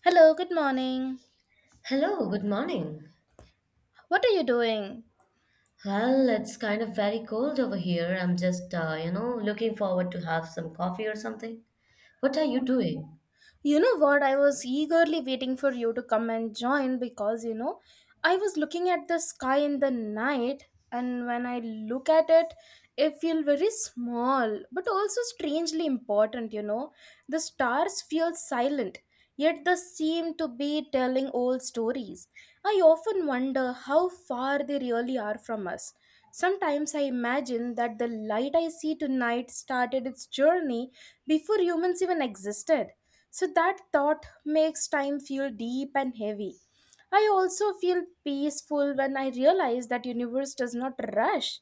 Hello, good morning. Hello, good morning. What are you doing? Well, it's kind of very cold over here. I'm just, looking forward to have some coffee or something. What are you doing? You know what? I was eagerly waiting for you to come and join because, I was looking at the sky in the night, and when I look at it, I feel very small but also strangely important. The stars feel silent, yet they seem to be telling old stories. I often wonder how far they really are from us. Sometimes I imagine that the light I see tonight started its journey before humans even existed, so that thought makes time feel deep and heavy. I also feel peaceful when I realize that universe does not rush.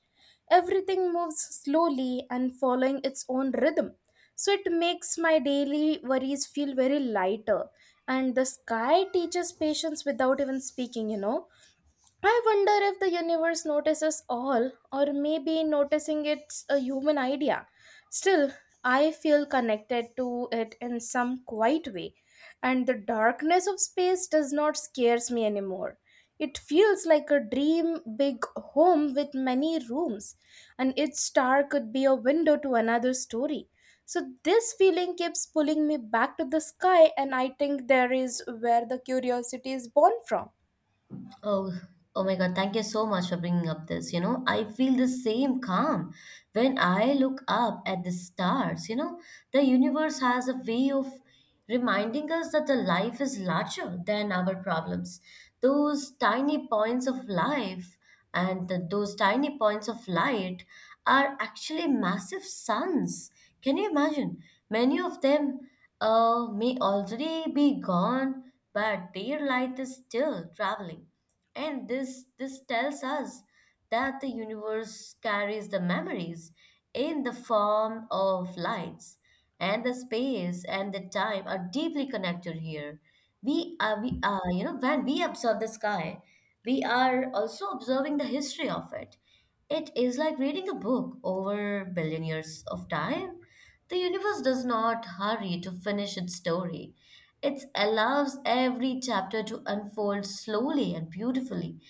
Everything moves slowly and following its own rhythm. So it makes my daily worries feel very lighter. And the sky teaches patience without even speaking. I wonder if the universe notices all, or maybe noticing it's a human idea. Still, I feel connected to it in some quiet way, and the darkness of space does not scares me anymore. It feels like a dream big home with many rooms, and each star could be a window to another story. So, this feeling keeps pulling me back to the sky, and I think there is where the curiosity is born from. Oh, oh my God, thank you so much for bringing up this. I feel the same calm when I look up at the stars. The universe has a way of reminding us that the life is larger than our problems, those tiny points of life and those tiny points of light are actually massive suns. Can you imagine? Many of them may already be gone, but their light is still traveling. And this tells us that the universe carries the memories in the form of lights, and the space and the time are deeply connected here. We are, you know, When we observe the sky, we are also observing the history of it. It is like reading a book over billion years of time. The universe does not hurry to finish its story. It allows every chapter to unfold slowly and beautifully.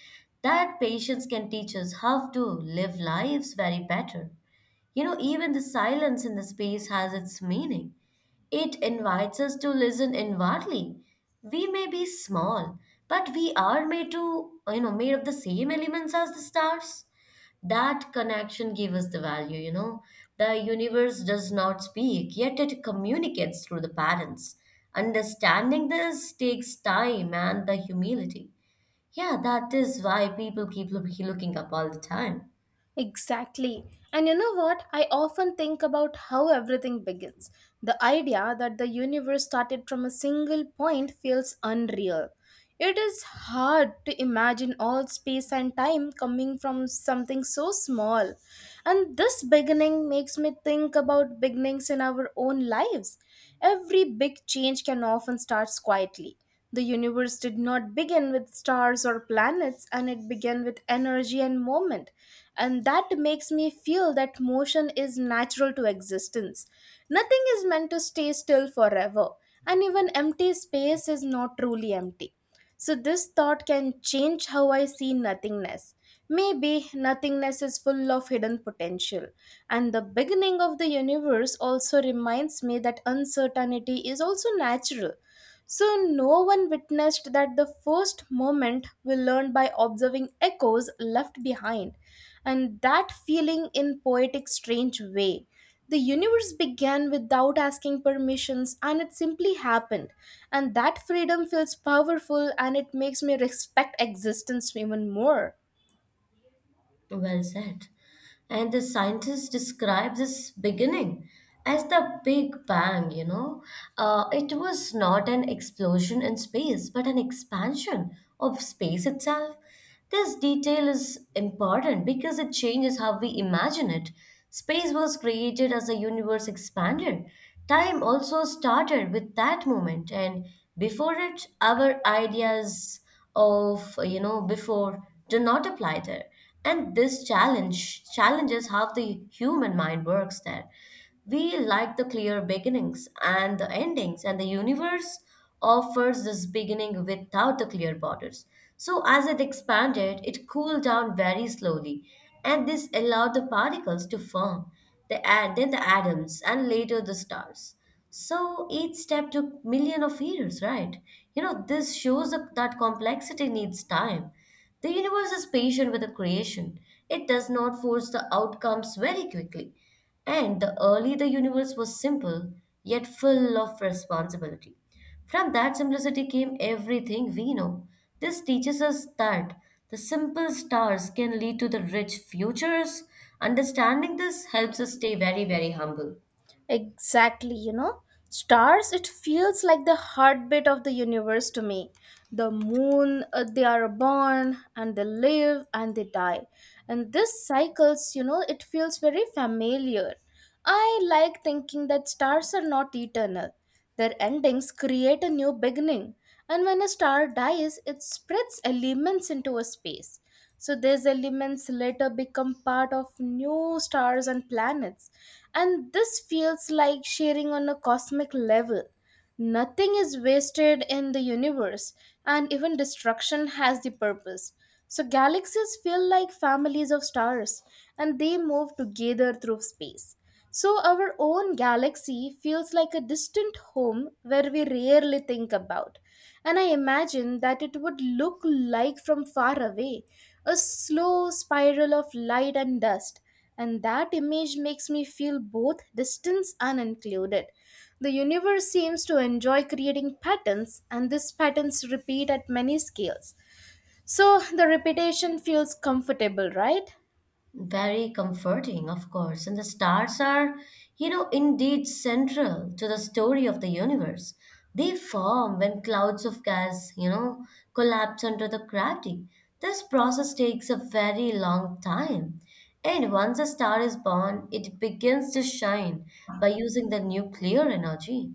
That patience can teach us how to live lives very better. You know, even the silence in the space has its meaning. It invites us to listen inwardly. We may be small, but we are made to, you know, made of the same elements as the stars. That connection gives us the value, The universe does not speak, yet it communicates through the patterns. Understanding this takes time and the humility. Yeah, that is why people keep looking up all the time. Exactly. And you know what? I often think about how everything begins. The idea that the universe started from a single point feels unreal. It is hard to imagine all space and time coming from something so small. And this beginning makes me think about beginnings in our own lives. Every big change can often start quietly. The universe did not begin with stars or planets, and it began with energy and movement. And that makes me feel that motion is natural to existence. Nothing is meant to stay still forever, and even empty space is not truly empty. So, this thought can change how I see nothingness. Maybe nothingness is full of hidden potential. And the beginning of the universe also reminds me that uncertainty is also natural. So, no one witnessed that the first moment we learned by observing echoes left behind, and that feeling in poetic, strange way. The universe began without asking permissions, and it simply happened. And that freedom feels powerful, and it makes me respect existence even more. Well said. And the scientists describe this beginning as the Big Bang. It was not an explosion in space, but an expansion of space itself. This detail is important because it changes how we imagine it. Space was created as the universe expanded. Time also started with that moment, and before it, our ideas of before do not apply there. And this challenges how the human mind works there. We like the clear beginnings and the endings, and the universe offers this beginning without the clear borders. So, as it expanded, it cooled down very slowly, and this allowed the particles to form, then the atoms, and later the stars. So each step took million of years, right? This shows that that complexity needs time. The universe is patient with the creation. It does not force the outcomes very quickly. And the early the universe was simple, yet full of responsibility. From that simplicity came everything we know. This teaches us that the simple stars can lead to the rich futures. Understanding this helps us stay very, very humble. Exactly. Stars, it feels like the heartbeat of the universe to me. The moon, they are born and they live and they die. And this cycles, it feels very familiar. I like thinking that stars are not eternal. Their endings create a new beginning. And when a star dies, it spreads elements into a space. So these elements later become part of new stars and planets. And this feels like sharing on a cosmic level. Nothing is wasted in the universe, and even destruction has the purpose. So galaxies feel like families of stars, and they move together through space. So, our own galaxy feels like a distant home where we rarely think about. And I imagine that it would look like from far away, a slow spiral of light and dust. And that image makes me feel both distance and included. The universe seems to enjoy creating patterns, and these patterns repeat at many scales. So, the repetition feels comfortable, right? Very comforting, of course. And the stars are indeed central to the story of the universe. They form when clouds of gas collapse under the gravity. This process takes a very long time. And once a star is born, it begins to shine by using the nuclear energy.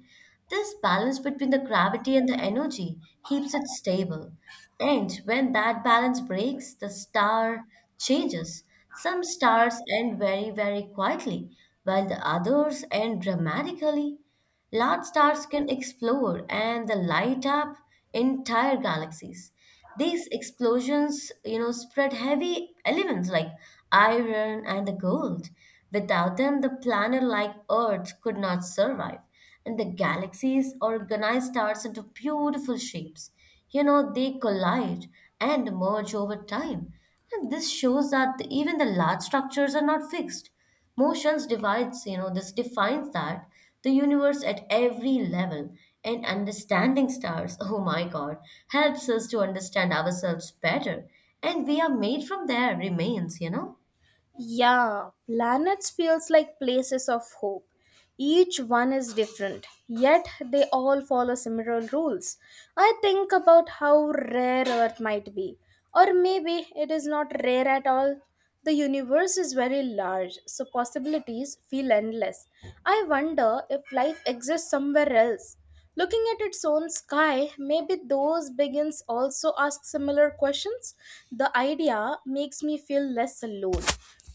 This balance between the gravity and the energy keeps it stable. And when that balance breaks, the star changes. Some stars end very, very quietly, while the others end dramatically. Large stars can explode, and they light up entire galaxies. These explosions spread heavy elements like iron and the gold. Without them, the planet like Earth could not survive. And the galaxies organize stars into beautiful shapes. They collide and merge over time. And this shows that even the large structures are not fixed. Motions divides, this defines that the universe at every level. And understanding stars, oh my God, helps us to understand ourselves better. And we are made from their remains, you know? Yeah, planets feels like places of hope. Each one is different, yet they all follow similar rules. I think about how rare Earth might be, or maybe it is not rare at all. The universe is very large, so possibilities feel endless. I wonder if life exists somewhere else. Looking at its own sky, maybe those beings also ask similar questions. The idea makes me feel less alone.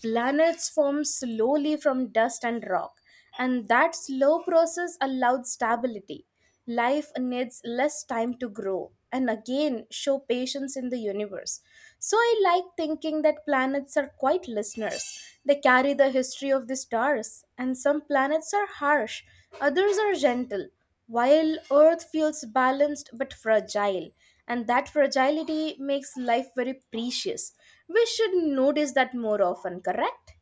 Planets form slowly from dust and rock, and that slow process allowed stability. Life needs less time to grow and again show patience in the universe. So I like thinking that planets are quite listeners. They carry the history of the stars, and some planets are harsh, others are gentle, while Earth feels balanced but fragile. And that fragility makes life very precious. We should notice that more often, correct?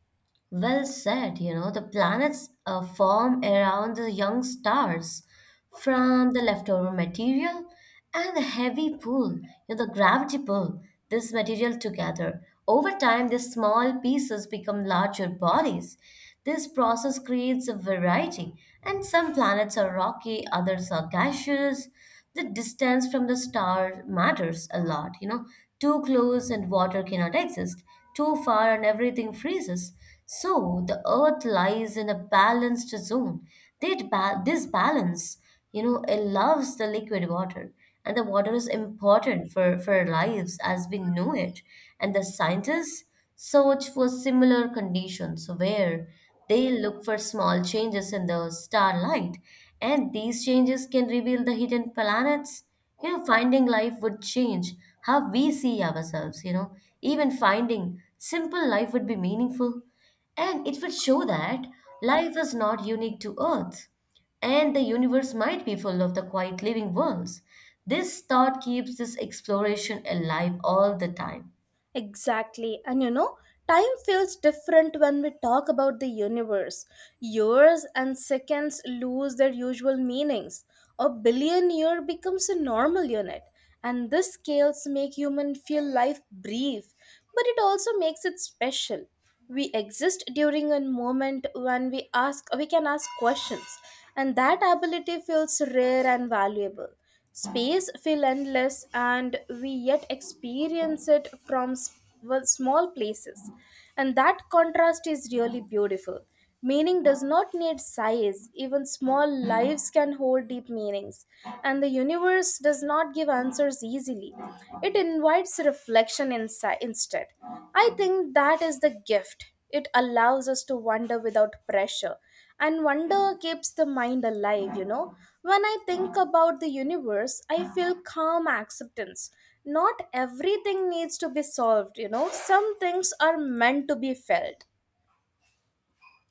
Well said, the planets form around the young stars from the leftover material and the heavy pull, the gravity pull, this material together. Over time, these small pieces become larger bodies. This process creates a variety, and some planets are rocky, others are gaseous. The distance from the star matters a lot. Too close and water cannot exist. Too far and everything freezes. So the earth lies in a balanced zone. This balance allows the liquid water. And the water is important for our lives as we know it. And the scientists search for similar conditions where they look for small changes in the starlight. And these changes can reveal the hidden planets. Finding life would change how we see ourselves. Even finding simple life would be meaningful, and it would show that life is not unique to Earth, and the universe might be full of the quiet living worlds. This thought keeps this exploration alive all the time. Exactly. And time feels different when we talk about the universe. Years and seconds lose their usual meanings. A billion year becomes a normal unit. And these scales make human feel life brief, but it also makes it special. We exist during a moment when we can ask questions, and that ability feels rare and valuable. Space feel endless, and we yet experience it from well, small places. And that contrast is really beautiful. Meaning does not need size, even small lives can hold deep meanings. And the universe does not give answers easily, it invites reflection instead. I think that is the gift. It allows us to wonder without pressure, and wonder keeps the mind alive. When I think about the universe, I feel calm acceptance. Not everything needs to be solved. Some things are meant to be felt.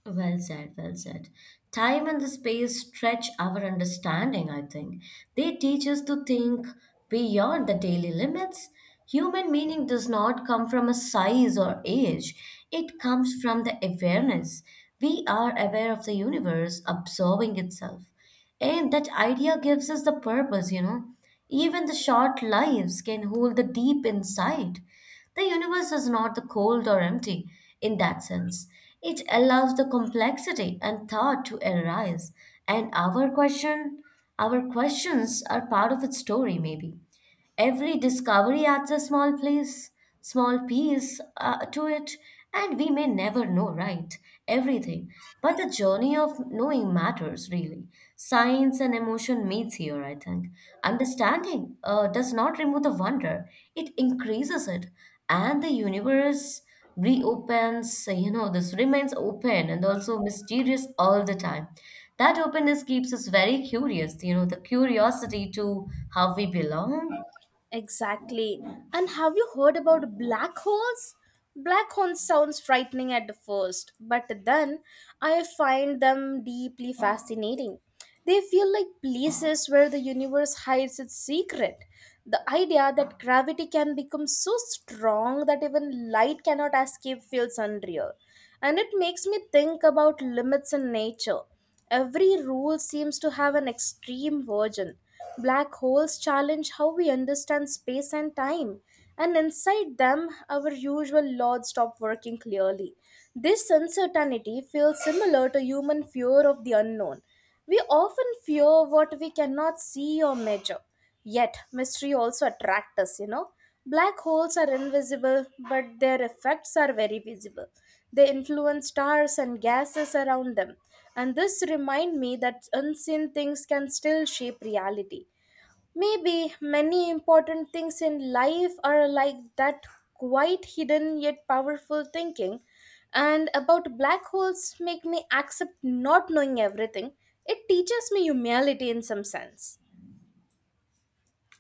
Well said, well said. Time and the space stretch our understanding, I think. They teach us to think beyond the daily limits. Human meaning does not come from a size or age, it comes from the awareness. We are aware of the universe absorbing itself. And that idea gives us the purpose. Even the short lives can hold the deep insight. The universe is not the cold or empty in that sense. It allows the complexity and thought to arise, and our questions are part of its story, maybe. Every discovery adds a small piece to it, and we may never know, right? Everything. But the journey of knowing matters, really. Science and emotion meets here, I think. Understanding does not remove the wonder, it increases it. And the universe reopens, this remains open and also mysterious all the time. That openness keeps us very curious, the curiosity to how we belong. Exactly. And have you heard about black holes? Black holes sounds frightening at the first, but then I find them deeply fascinating. They feel like places where the universe hides its secret. The idea that gravity can become so strong that even light cannot escape feels unreal. And it makes me think about limits in nature. Every rule seems to have an extreme version. Black holes challenge how we understand space and time, and inside them, our usual laws stop working clearly. This uncertainty feels similar to human fear of the unknown. We often fear what we cannot see or measure. Yet, mystery also attracts us. Black holes are invisible, but their effects are very visible. They influence stars and gases around them. And this reminds me that unseen things can still shape reality. Maybe many important things in life are like that, quite hidden yet powerful thinking. And about black holes make me accept not knowing everything. It teaches me humility in some sense.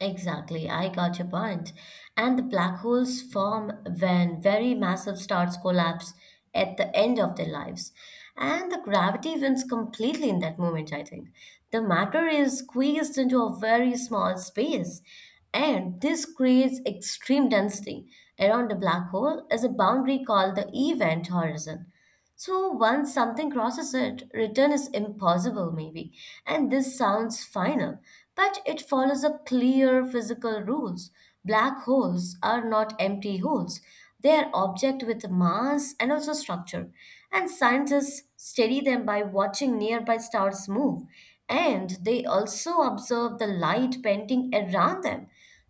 Exactly, I got your point. And the black holes form when very massive stars collapse at the end of their lives. And the gravity wins completely in that moment, I think. The matter is squeezed into a very small space, and this creates extreme density. Around the black hole is a boundary called the event horizon. So once something crosses it, return is impossible, maybe. And this sounds final, but it follows a clear physical rules. Black holes are not empty holes. They are object with mass and also structure. And scientists study them by watching nearby stars move. And they also observe the light bending around them.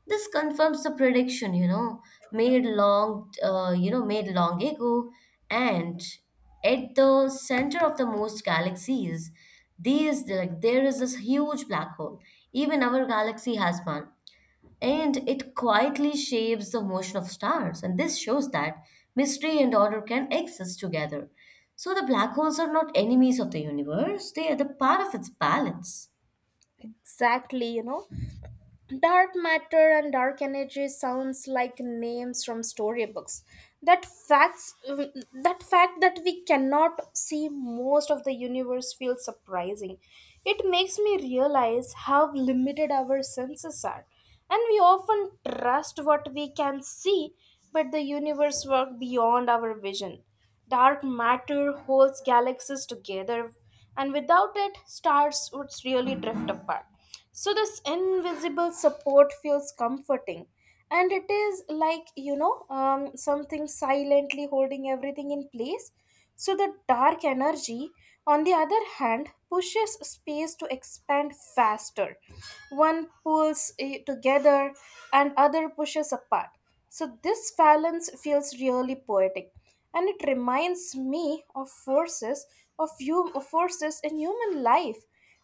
This confirms the prediction, made long ago. And at the center of the most galaxies, these, like, there is this huge black hole. Even our galaxy has one, and it quietly shapes the motion of stars. And this shows that mystery and order can exist together. So the black holes are not enemies of the universe, they are the part of its balance. Exactly. Dark matter and dark energy sounds like names from storybooks. That fact that we cannot see most of the universe feels surprising. It makes me realize how limited our senses are. And we often trust what we can see, but the universe works beyond our vision. Dark matter holds galaxies together, and without it, stars would really drift apart. So, this invisible support feels comforting. And it is like, something silently holding everything in place. So, the dark energy, on the other hand, pushes space to expand faster. One pulls it together and other pushes apart. So, this balance feels really poetic. And it reminds me of forces of you forces in human life.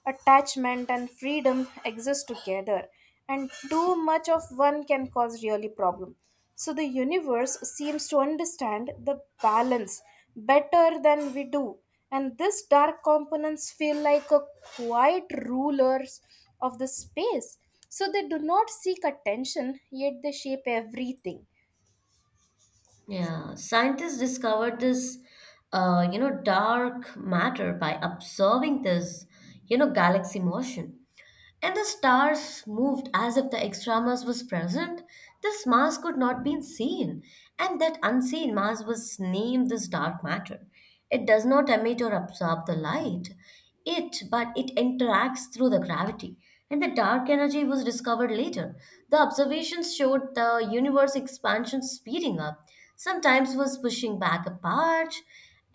Attachment and freedom exist together, and too much of one can cause really problem. So the universe seems to understand the balance better than we do, and this dark components feel like a quiet rulers of the space. So they do not seek attention, yet they shape everything. Yeah, scientists discovered this, dark matter by observing this, galaxy motion. And the stars moved as if the extramus was present. This mass could not be seen, and that unseen mass was named this dark matter. It does not emit or absorb the light, it but it interacts through the gravity. And the dark energy was discovered later. The observations showed the universe expansion speeding up. Sometimes was pushing back a part,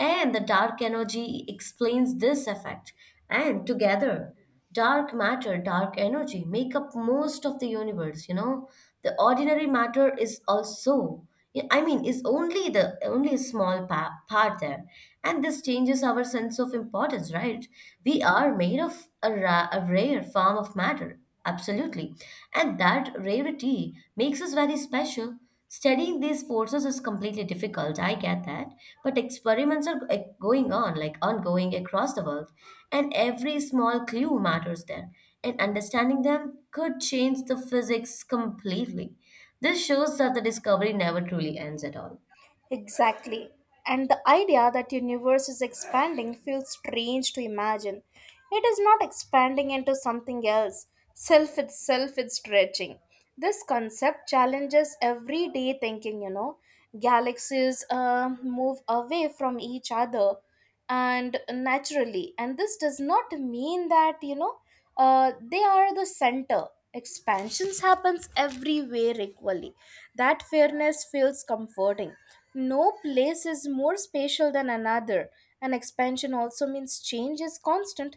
and the dark energy explains this effect. And together, dark matter, dark energy make up most of the universe. The ordinary matter is also, yeah, I mean, is only the only a small part there. And this changes our sense of importance, right? We are made of a rare form of matter, absolutely. And that rarity makes us very special. Studying these forces is completely difficult, I get that, but experiments are going on, like ongoing across the world, and every small clue matters there, and understanding them could change the physics completely. This shows that the discovery never truly ends at all. Exactly. And the idea that universe is expanding feels strange to imagine. It is not expanding into something else. Self itself is stretching. This concept challenges everyday thinking. Galaxies move away from each other and naturally, and this does not mean that they are the center. Expansions happens everywhere equally. That fairness feels comforting. No place is more spatial than another, and expansion also means change is constant.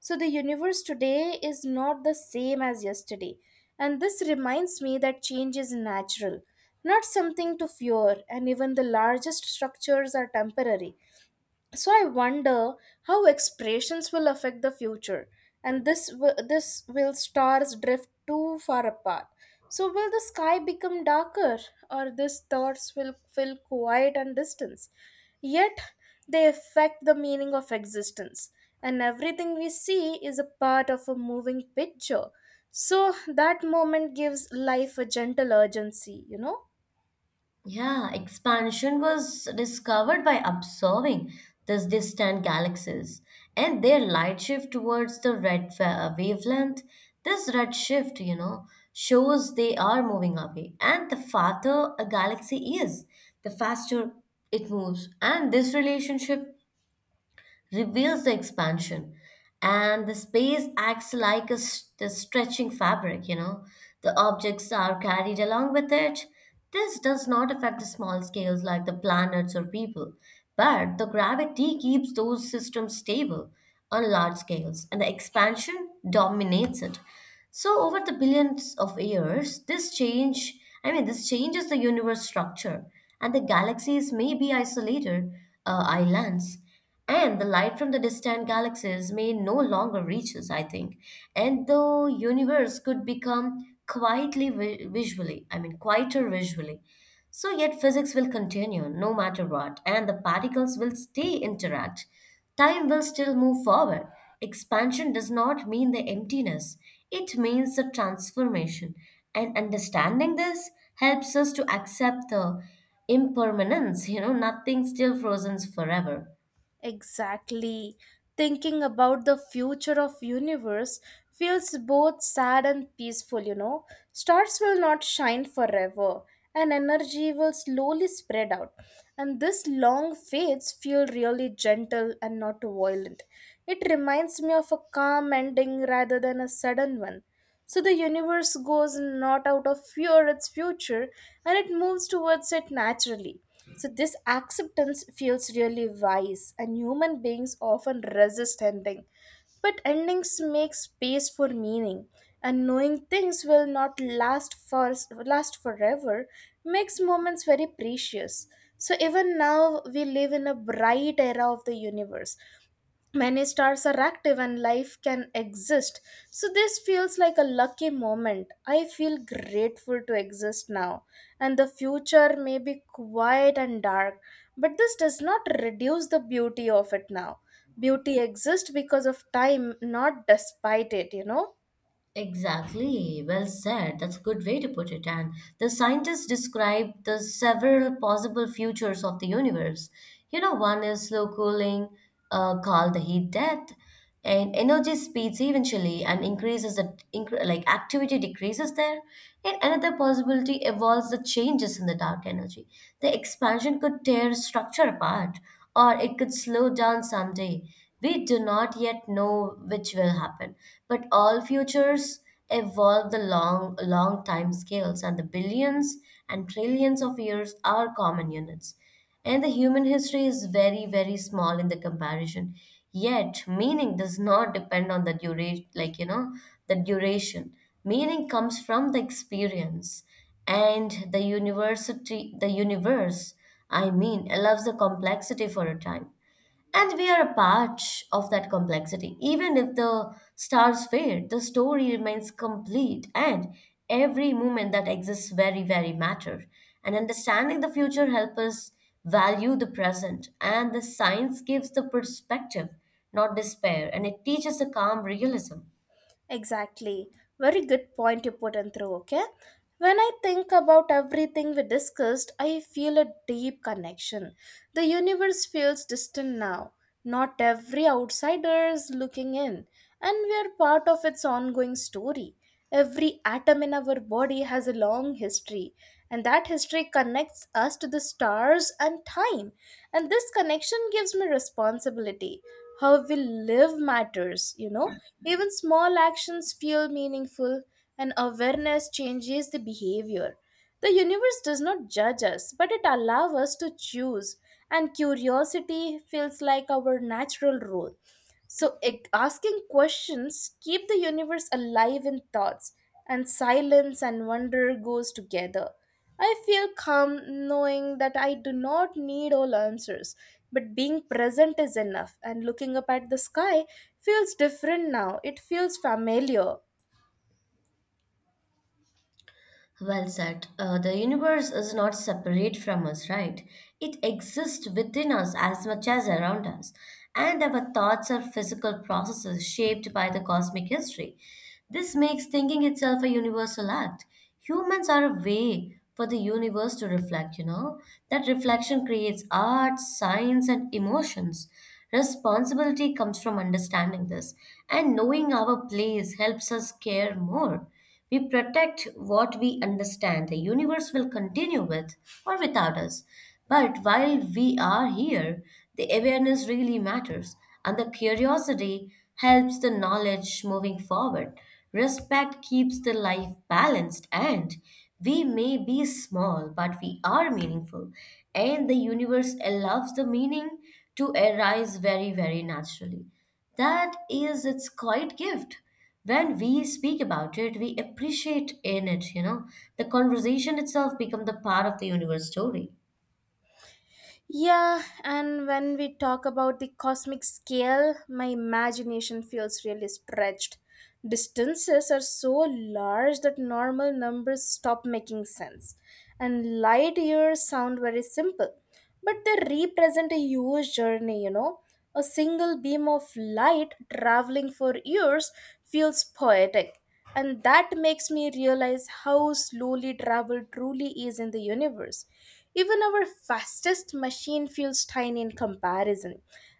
So the universe today is not the same as yesterday, and this reminds me that change is natural, not something to fear, and even the largest structures are temporary. So I wonder how expressions will affect the future, and this will stars drift too far apart. So will the sky become darker, or these thoughts will feel quiet and distance, yet they affect the meaning of existence, and everything we see is a part of a moving picture. So that moment gives life a gentle urgency. Yeah, expansion was discovered by observing these distant galaxies and their light shift towards the red wavelength. This red shift shows they are moving away. And the farther a galaxy is, the faster it moves. And this relationship reveals the expansion, and the space acts like the stretching fabric. The objects are carried along with it. This does not affect the small scales like the planets or people, but the gravity keeps those systems stable. On large scales, and the expansion dominates it. So over the billions of years, this changes the universe structure. And the galaxies may be isolated islands, and the light from the distant galaxies may no longer reach us, I think. And the universe could become quietly visually, I mean, quieter visually. So, yet physics will continue no matter what, and the particles will stay interact. Time will still move forward. Expansion does not mean the emptiness, it means the transformation. And understanding this helps us to accept the impermanence. Nothing still frozen forever. Exactly. Thinking about the future of universe feels both sad and peaceful. Stars will not shine forever and energy will slowly spread out. And this long fades feel really gentle and not violent. It reminds me of a calm ending rather than a sudden one. So the universe goes not out of fear its future, and it moves towards it naturally. So this acceptance feels really wise, and human beings often resist ending. But endings make space for meaning, and knowing things will not last for last forever makes moments very precious. So even now we live in a bright era of the universe, many stars are active and life can exist, so this feels like a lucky moment. I feel grateful to exist now, and the future may be quiet and dark, but this does not reduce the beauty of it now. Beauty exists because of time, not despite it. Exactly, well said. That's a good way to put it. And the scientists describe the several possible futures of the universe. One is slow cooling, called the heat death, and energy speeds eventually and increases the incre like activity decreases there. And another possibility evolves the changes in the dark energy. The expansion could tear structure apart, or it could slow down someday. We do not yet know which will happen, but all futures evolve the long, long time scales, and the billions and trillions of years are common units. And the human history is very, very small in the comparison. Yet, meaning does not depend on the duration, like, you know, the duration. Meaning comes from the experience and the universe, I mean, allows the complexity for a time. And we are a part of that complexity. Even if the stars fade, the story remains complete, and every moment that exists very, very matter. And understanding the future helps us value the present. And the science gives the perspective, not despair. And it teaches a calm realism. Exactly. Very good point you put in through. Okay, when I think about everything we discussed, I feel a deep connection. The universe feels distant now. Not every outsider is looking in, and we are part of its ongoing story. Every atom in our body has a long history, and that history connects us to the stars and time. And this connection gives me responsibility. How we live matters. Even small actions feel meaningful, and awareness changes the behavior. The universe does not judge us, but it allows us to choose, and curiosity feels like our natural role. So, asking questions keep the universe alive in thoughts, and silence and wonder goes together. I feel calm knowing that I do not need all answers, but being present is enough. And looking up at the sky feels different now. It feels familiar. Well said. The universe is not separate from us, right? It exists within us as much as around us. And our thoughts are physical processes shaped by the cosmic history. This makes thinking itself a universal act. Humans are a way for the universe to reflect, you know? That reflection creates art, science, and emotions. Responsibility comes from understanding this, and knowing our place helps us care more. We protect what we understand. The universe will continue with or without us. But while we are here, the awareness really matters, and the curiosity helps the knowledge moving forward. Respect keeps the life balanced, and we may be small, but we are meaningful, and the universe allows the meaning to arise very, very naturally. That is its quiet gift. When we speak about it, we appreciate in it. The conversation itself become the part of the universe story. Yeah, and when we talk about the cosmic scale, my imagination feels really stretched. Distances are so large that normal numbers stop making sense, and light years sound very simple, but they represent a huge journey. A single beam of light traveling for years feels poetic, and that makes me realize how slowly travel truly is in the universe. Even our fastest machine feels tiny in comparison,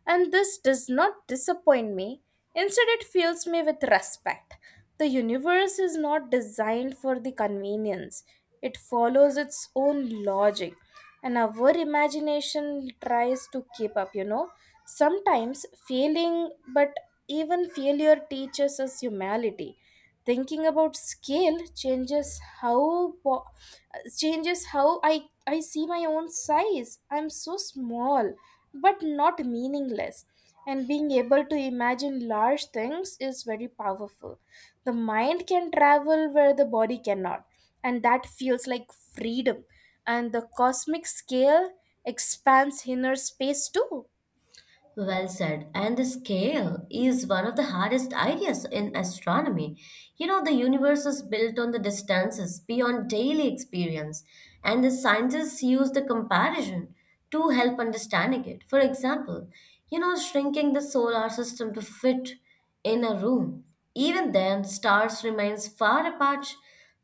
and this does not disappoint me. Instead, it fills me with respect. The universe is not designed for the convenience, it follows its own logic, and our imagination tries to keep up, sometimes failing. But even failure teaches us humility. Thinking about scale changes how I see my own size. I'm so small, but not meaningless. And being able to imagine large things is very powerful. The mind can travel where the body cannot, and that feels like freedom. And the cosmic scale expands inner space too. Well said. And the scale is one of the hardest ideas in astronomy. The universe is built on the distances beyond daily experience, and the scientists use the comparison to help understanding it. For example, shrinking the solar system to fit in a room. Even then, stars remains far apart.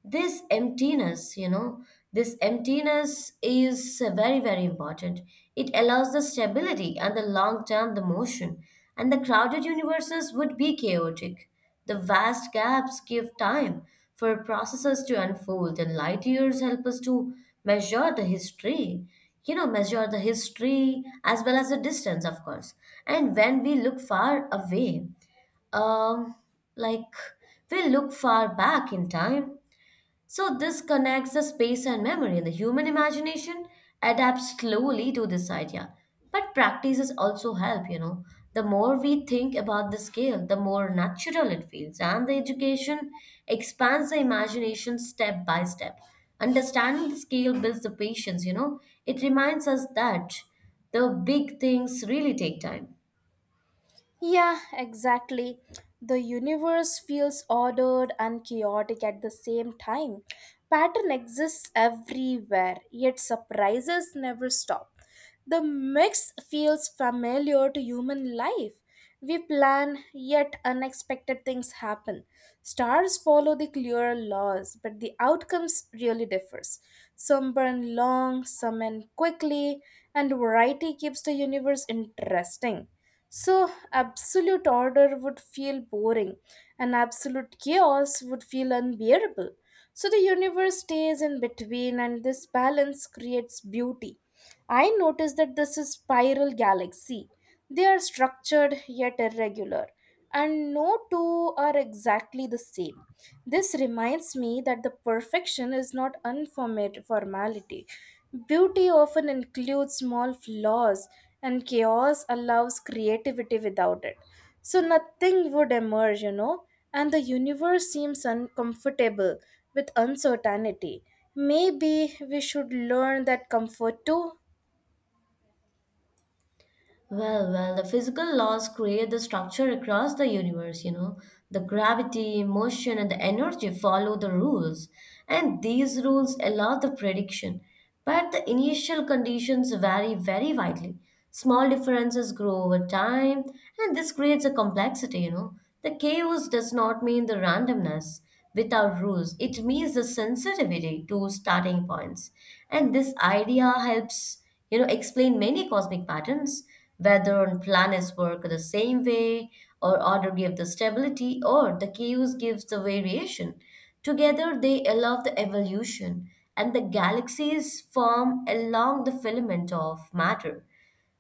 This emptiness is very, very important. It allows the stability and the long-term the motion, and the crowded universes would be chaotic. The vast gaps give time for processes to unfold, and light years help us to measure the history. Measure the history as well as the distance, of course. And when we look far away, um, like we look far back in time. So this connects the space and memory, and the human imagination adapts slowly to this idea. But practices also help. The more we think about the scale, the more natural it feels, and the education expands the imagination step by step. Understanding the scale builds the patience. It reminds us that the big things really take time. Yeah, exactly. The universe feels ordered and chaotic at the same time. Pattern exists everywhere, yet surprises never stop. The mix feels familiar to human life. We plan, yet unexpected things happen. Stars follow the clear laws, but the outcomes really differs. Some burn long, some end quickly, and variety keeps the universe interesting. So, absolute order would feel boring, and absolute chaos would feel unbearable. So, the universe stays in between, and this balance creates beauty. I notice that this is spiral galaxy. They are structured yet irregular, and no two are exactly the same. This reminds me that the perfection is not unformat formality. Beauty often includes small flaws, and chaos allows creativity without it. So nothing would emerge, and the universe seems uncomfortable with uncertainty. Maybe we should learn that comfort too. Well, the physical laws create the structure across the universe. The gravity, motion, and the energy follow the rules, and these rules allow the prediction. But the initial conditions vary very widely. Small differences grow over time, and this creates a complexity. The chaos does not mean the randomness without rules, it means the sensitivity to starting points. And this idea helps explain many cosmic patterns, whether on planets work the same way, or order gives the stability, or the chaos gives the variation. Together, they allow the evolution, and the galaxies form along the filament of matter.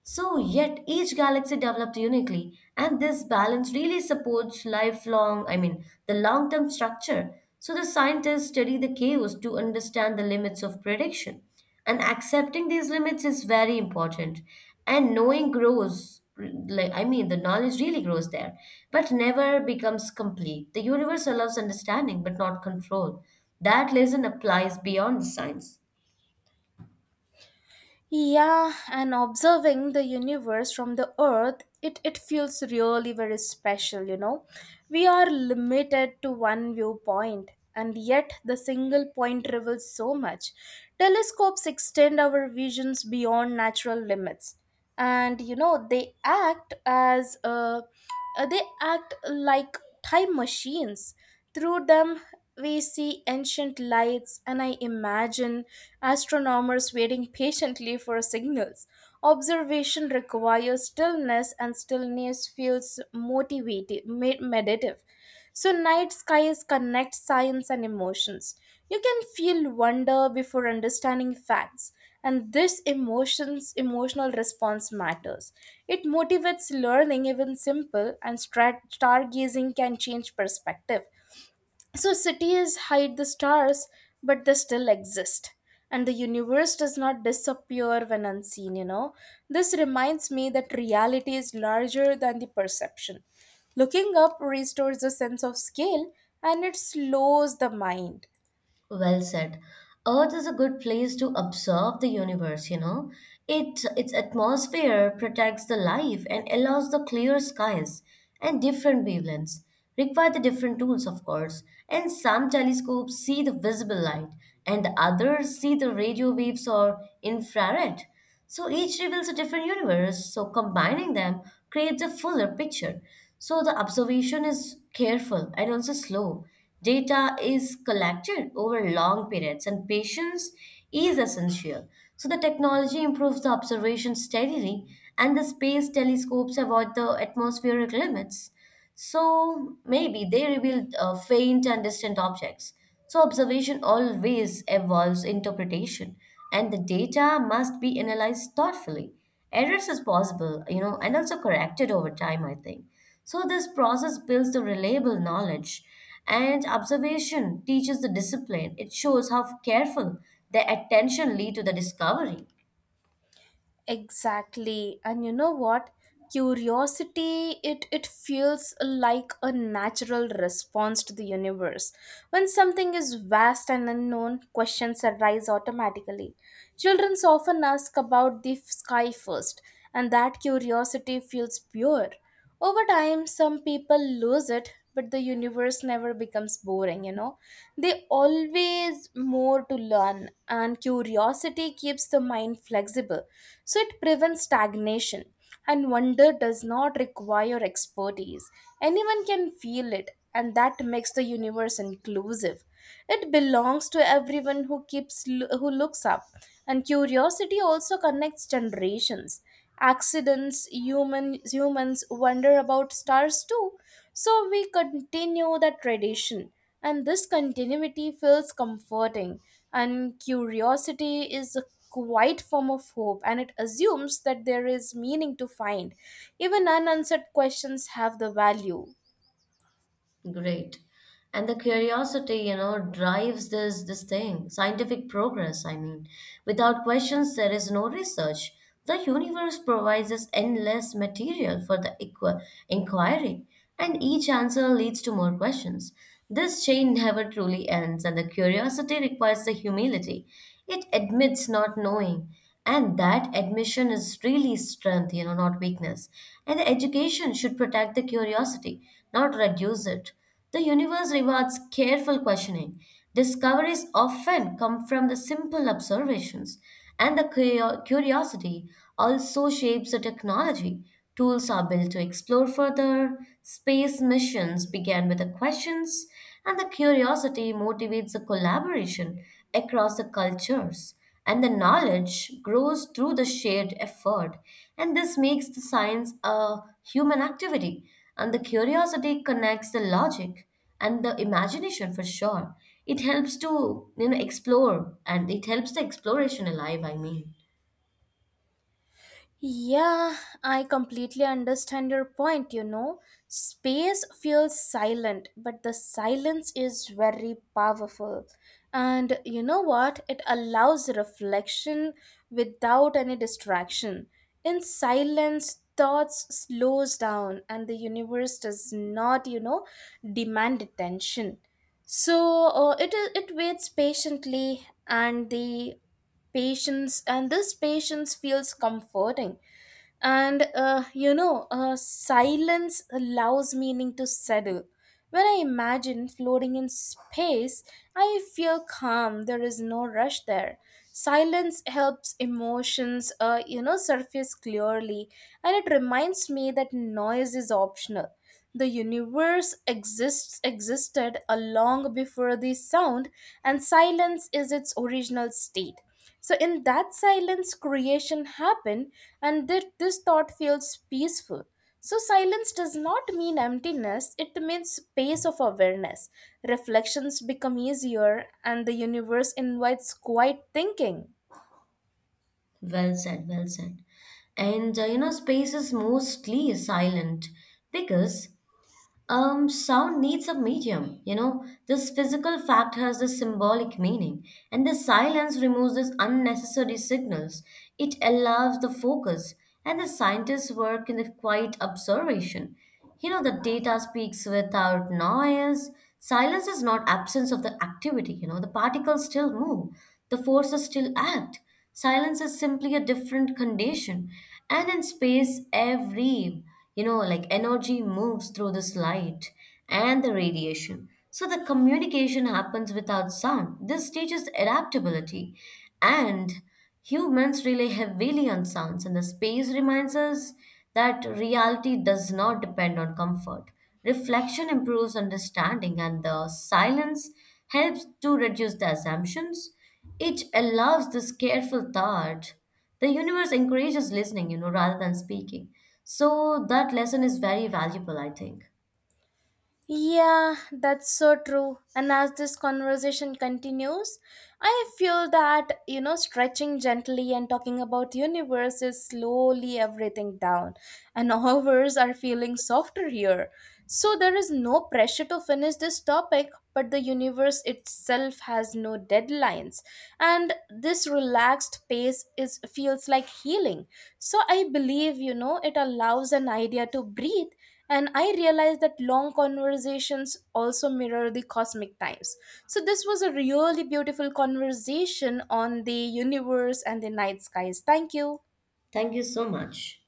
So, yet each galaxy developed uniquely, and this balance really supports I mean, the long term structure. So, the scientists study the chaos to understand the limits of prediction. And accepting these limits is very important. And like, I mean, the knowledge really grows there, but never becomes complete. The universe allows understanding, but not control. That lesson applies beyond science. Yeah, and observing the universe from the earth, it feels really very special. We are limited to one viewpoint, and yet the single point reveals so much. Telescopes extend our visions beyond natural limits, and you know they act as they act like time machines. Through them, we see ancient lights, and I imagine astronomers waiting patiently for signals. Observation requires stillness, and stillness feels meditative. So night skies connect science and emotions. You can feel wonder before understanding facts, and this emotions emotional response matters. It motivates learning. Even simple stargazing can change perspective. So cities hide the stars, but they still exist, and the universe does not disappear when unseen. This reminds me that reality is larger than the perception. Looking up restores a sense of scale, and it slows the mind. Well said. Earth is a good place to observe the universe. It its atmosphere protects the life and allows the clear skies and different wavelengths. Require the different tools, of course. And some telescopes see the visible light and others see the radio waves or infrared. So each reveals a different universe, so combining them creates a fuller picture. So the observation is careful and also slow. Data is collected over long periods, and patience is essential. So the technology improves the observation steadily, and the space telescopes avoid the atmospheric limits. So maybe they revealed faint and distant objects. So observation always evolves interpretation, and the data must be analyzed thoughtfully. Errors is possible, and also corrected over time, I think. So this process builds the reliable knowledge, and observation teaches the discipline. It shows how careful the attention lead to the discovery. Exactly. And you know what? Curiosity, it feels like a natural response to the universe. When something is vast and unknown, questions arise automatically. Children often ask about the sky first, and that curiosity feels pure. Over time, some people lose it, but the universe never becomes boring. They always more to learn, and curiosity keeps the mind flexible. So it prevents stagnation. And wonder does not require expertise. Anyone can feel it, and that makes the universe inclusive. It belongs to everyone who keeps who looks up. And curiosity also connects generations. Accidents, humans wonder about stars too. So we continue that tradition. And this continuity feels comforting. And curiosity is a quiet form of hope, and it assumes that there is meaning to find. Even unanswered questions have the value. Great. And the curiosity drives this thing, scientific progress, I mean. Without questions, there is no research. The universe provides us endless material for the inquiry, and each answer leads to more questions. This chain never truly ends, and the curiosity requires the humility. It admits not knowing, and that admission is really strength, not weakness. And the education should protect the curiosity, not reduce it. The universe rewards careful questioning. Discoveries often come from the simple observations, and the curiosity also shapes the technology. Tools are built to explore further. Space missions began with the questions, and the curiosity motivates the collaboration across the cultures. And the knowledge grows through the shared effort. And this makes the science a human activity. And the curiosity connects the logic and the imagination for sure. It helps to, explore and it helps the exploration alive, I mean. Yeah, I completely understand your point. Space feels silent, but the silence is very powerful. And you know what? It allows reflection without any distraction. In silence, thoughts slows down, and the universe does not demand attention. So it waits patiently, and the patience, and this patience feels comforting. And silence allows meaning to settle. When I imagine floating in space, I feel calm. There is no rush there. Silence helps emotions surface clearly, and it reminds me that noise is optional. The universe exists existed a long before the sound, and silence is its original state. So, in that silence, creation happened, and this thought feels peaceful. So, silence does not mean emptiness, it means space of awareness. Reflections become easier, and the universe invites quiet thinking. Well said, well said. And space is mostly silent because sound needs a medium. This physical fact has a symbolic meaning, and the silence removes these unnecessary signals. It allows the focus, and the scientists work in the quiet observation. The data speaks without noise. Silence is not absence of the activity. The particles still move, the forces still act. Silence is simply a different condition, and in space, like energy moves through this light and the radiation. So the communication happens without sound. This teaches adaptability. And humans rely heavily on sounds, and the space reminds us that reality does not depend on comfort. Reflection improves understanding, and the silence helps to reduce the assumptions. It allows this careful thought. The universe encourages listening, rather than speaking. So that lesson is very valuable, I think. Yeah, that's so true. And as this conversation continues, I feel that stretching gently and talking about universe is slowly everything down. And hours are feeling softer here. So there is no pressure to finish this topic, but the universe itself has no deadlines. And this relaxed pace is feels like healing. So I believe it allows an idea to breathe, and I realized that long conversations also mirror the cosmic times. So this was a really beautiful conversation on the universe and the night skies. Thank you. Thank you so much.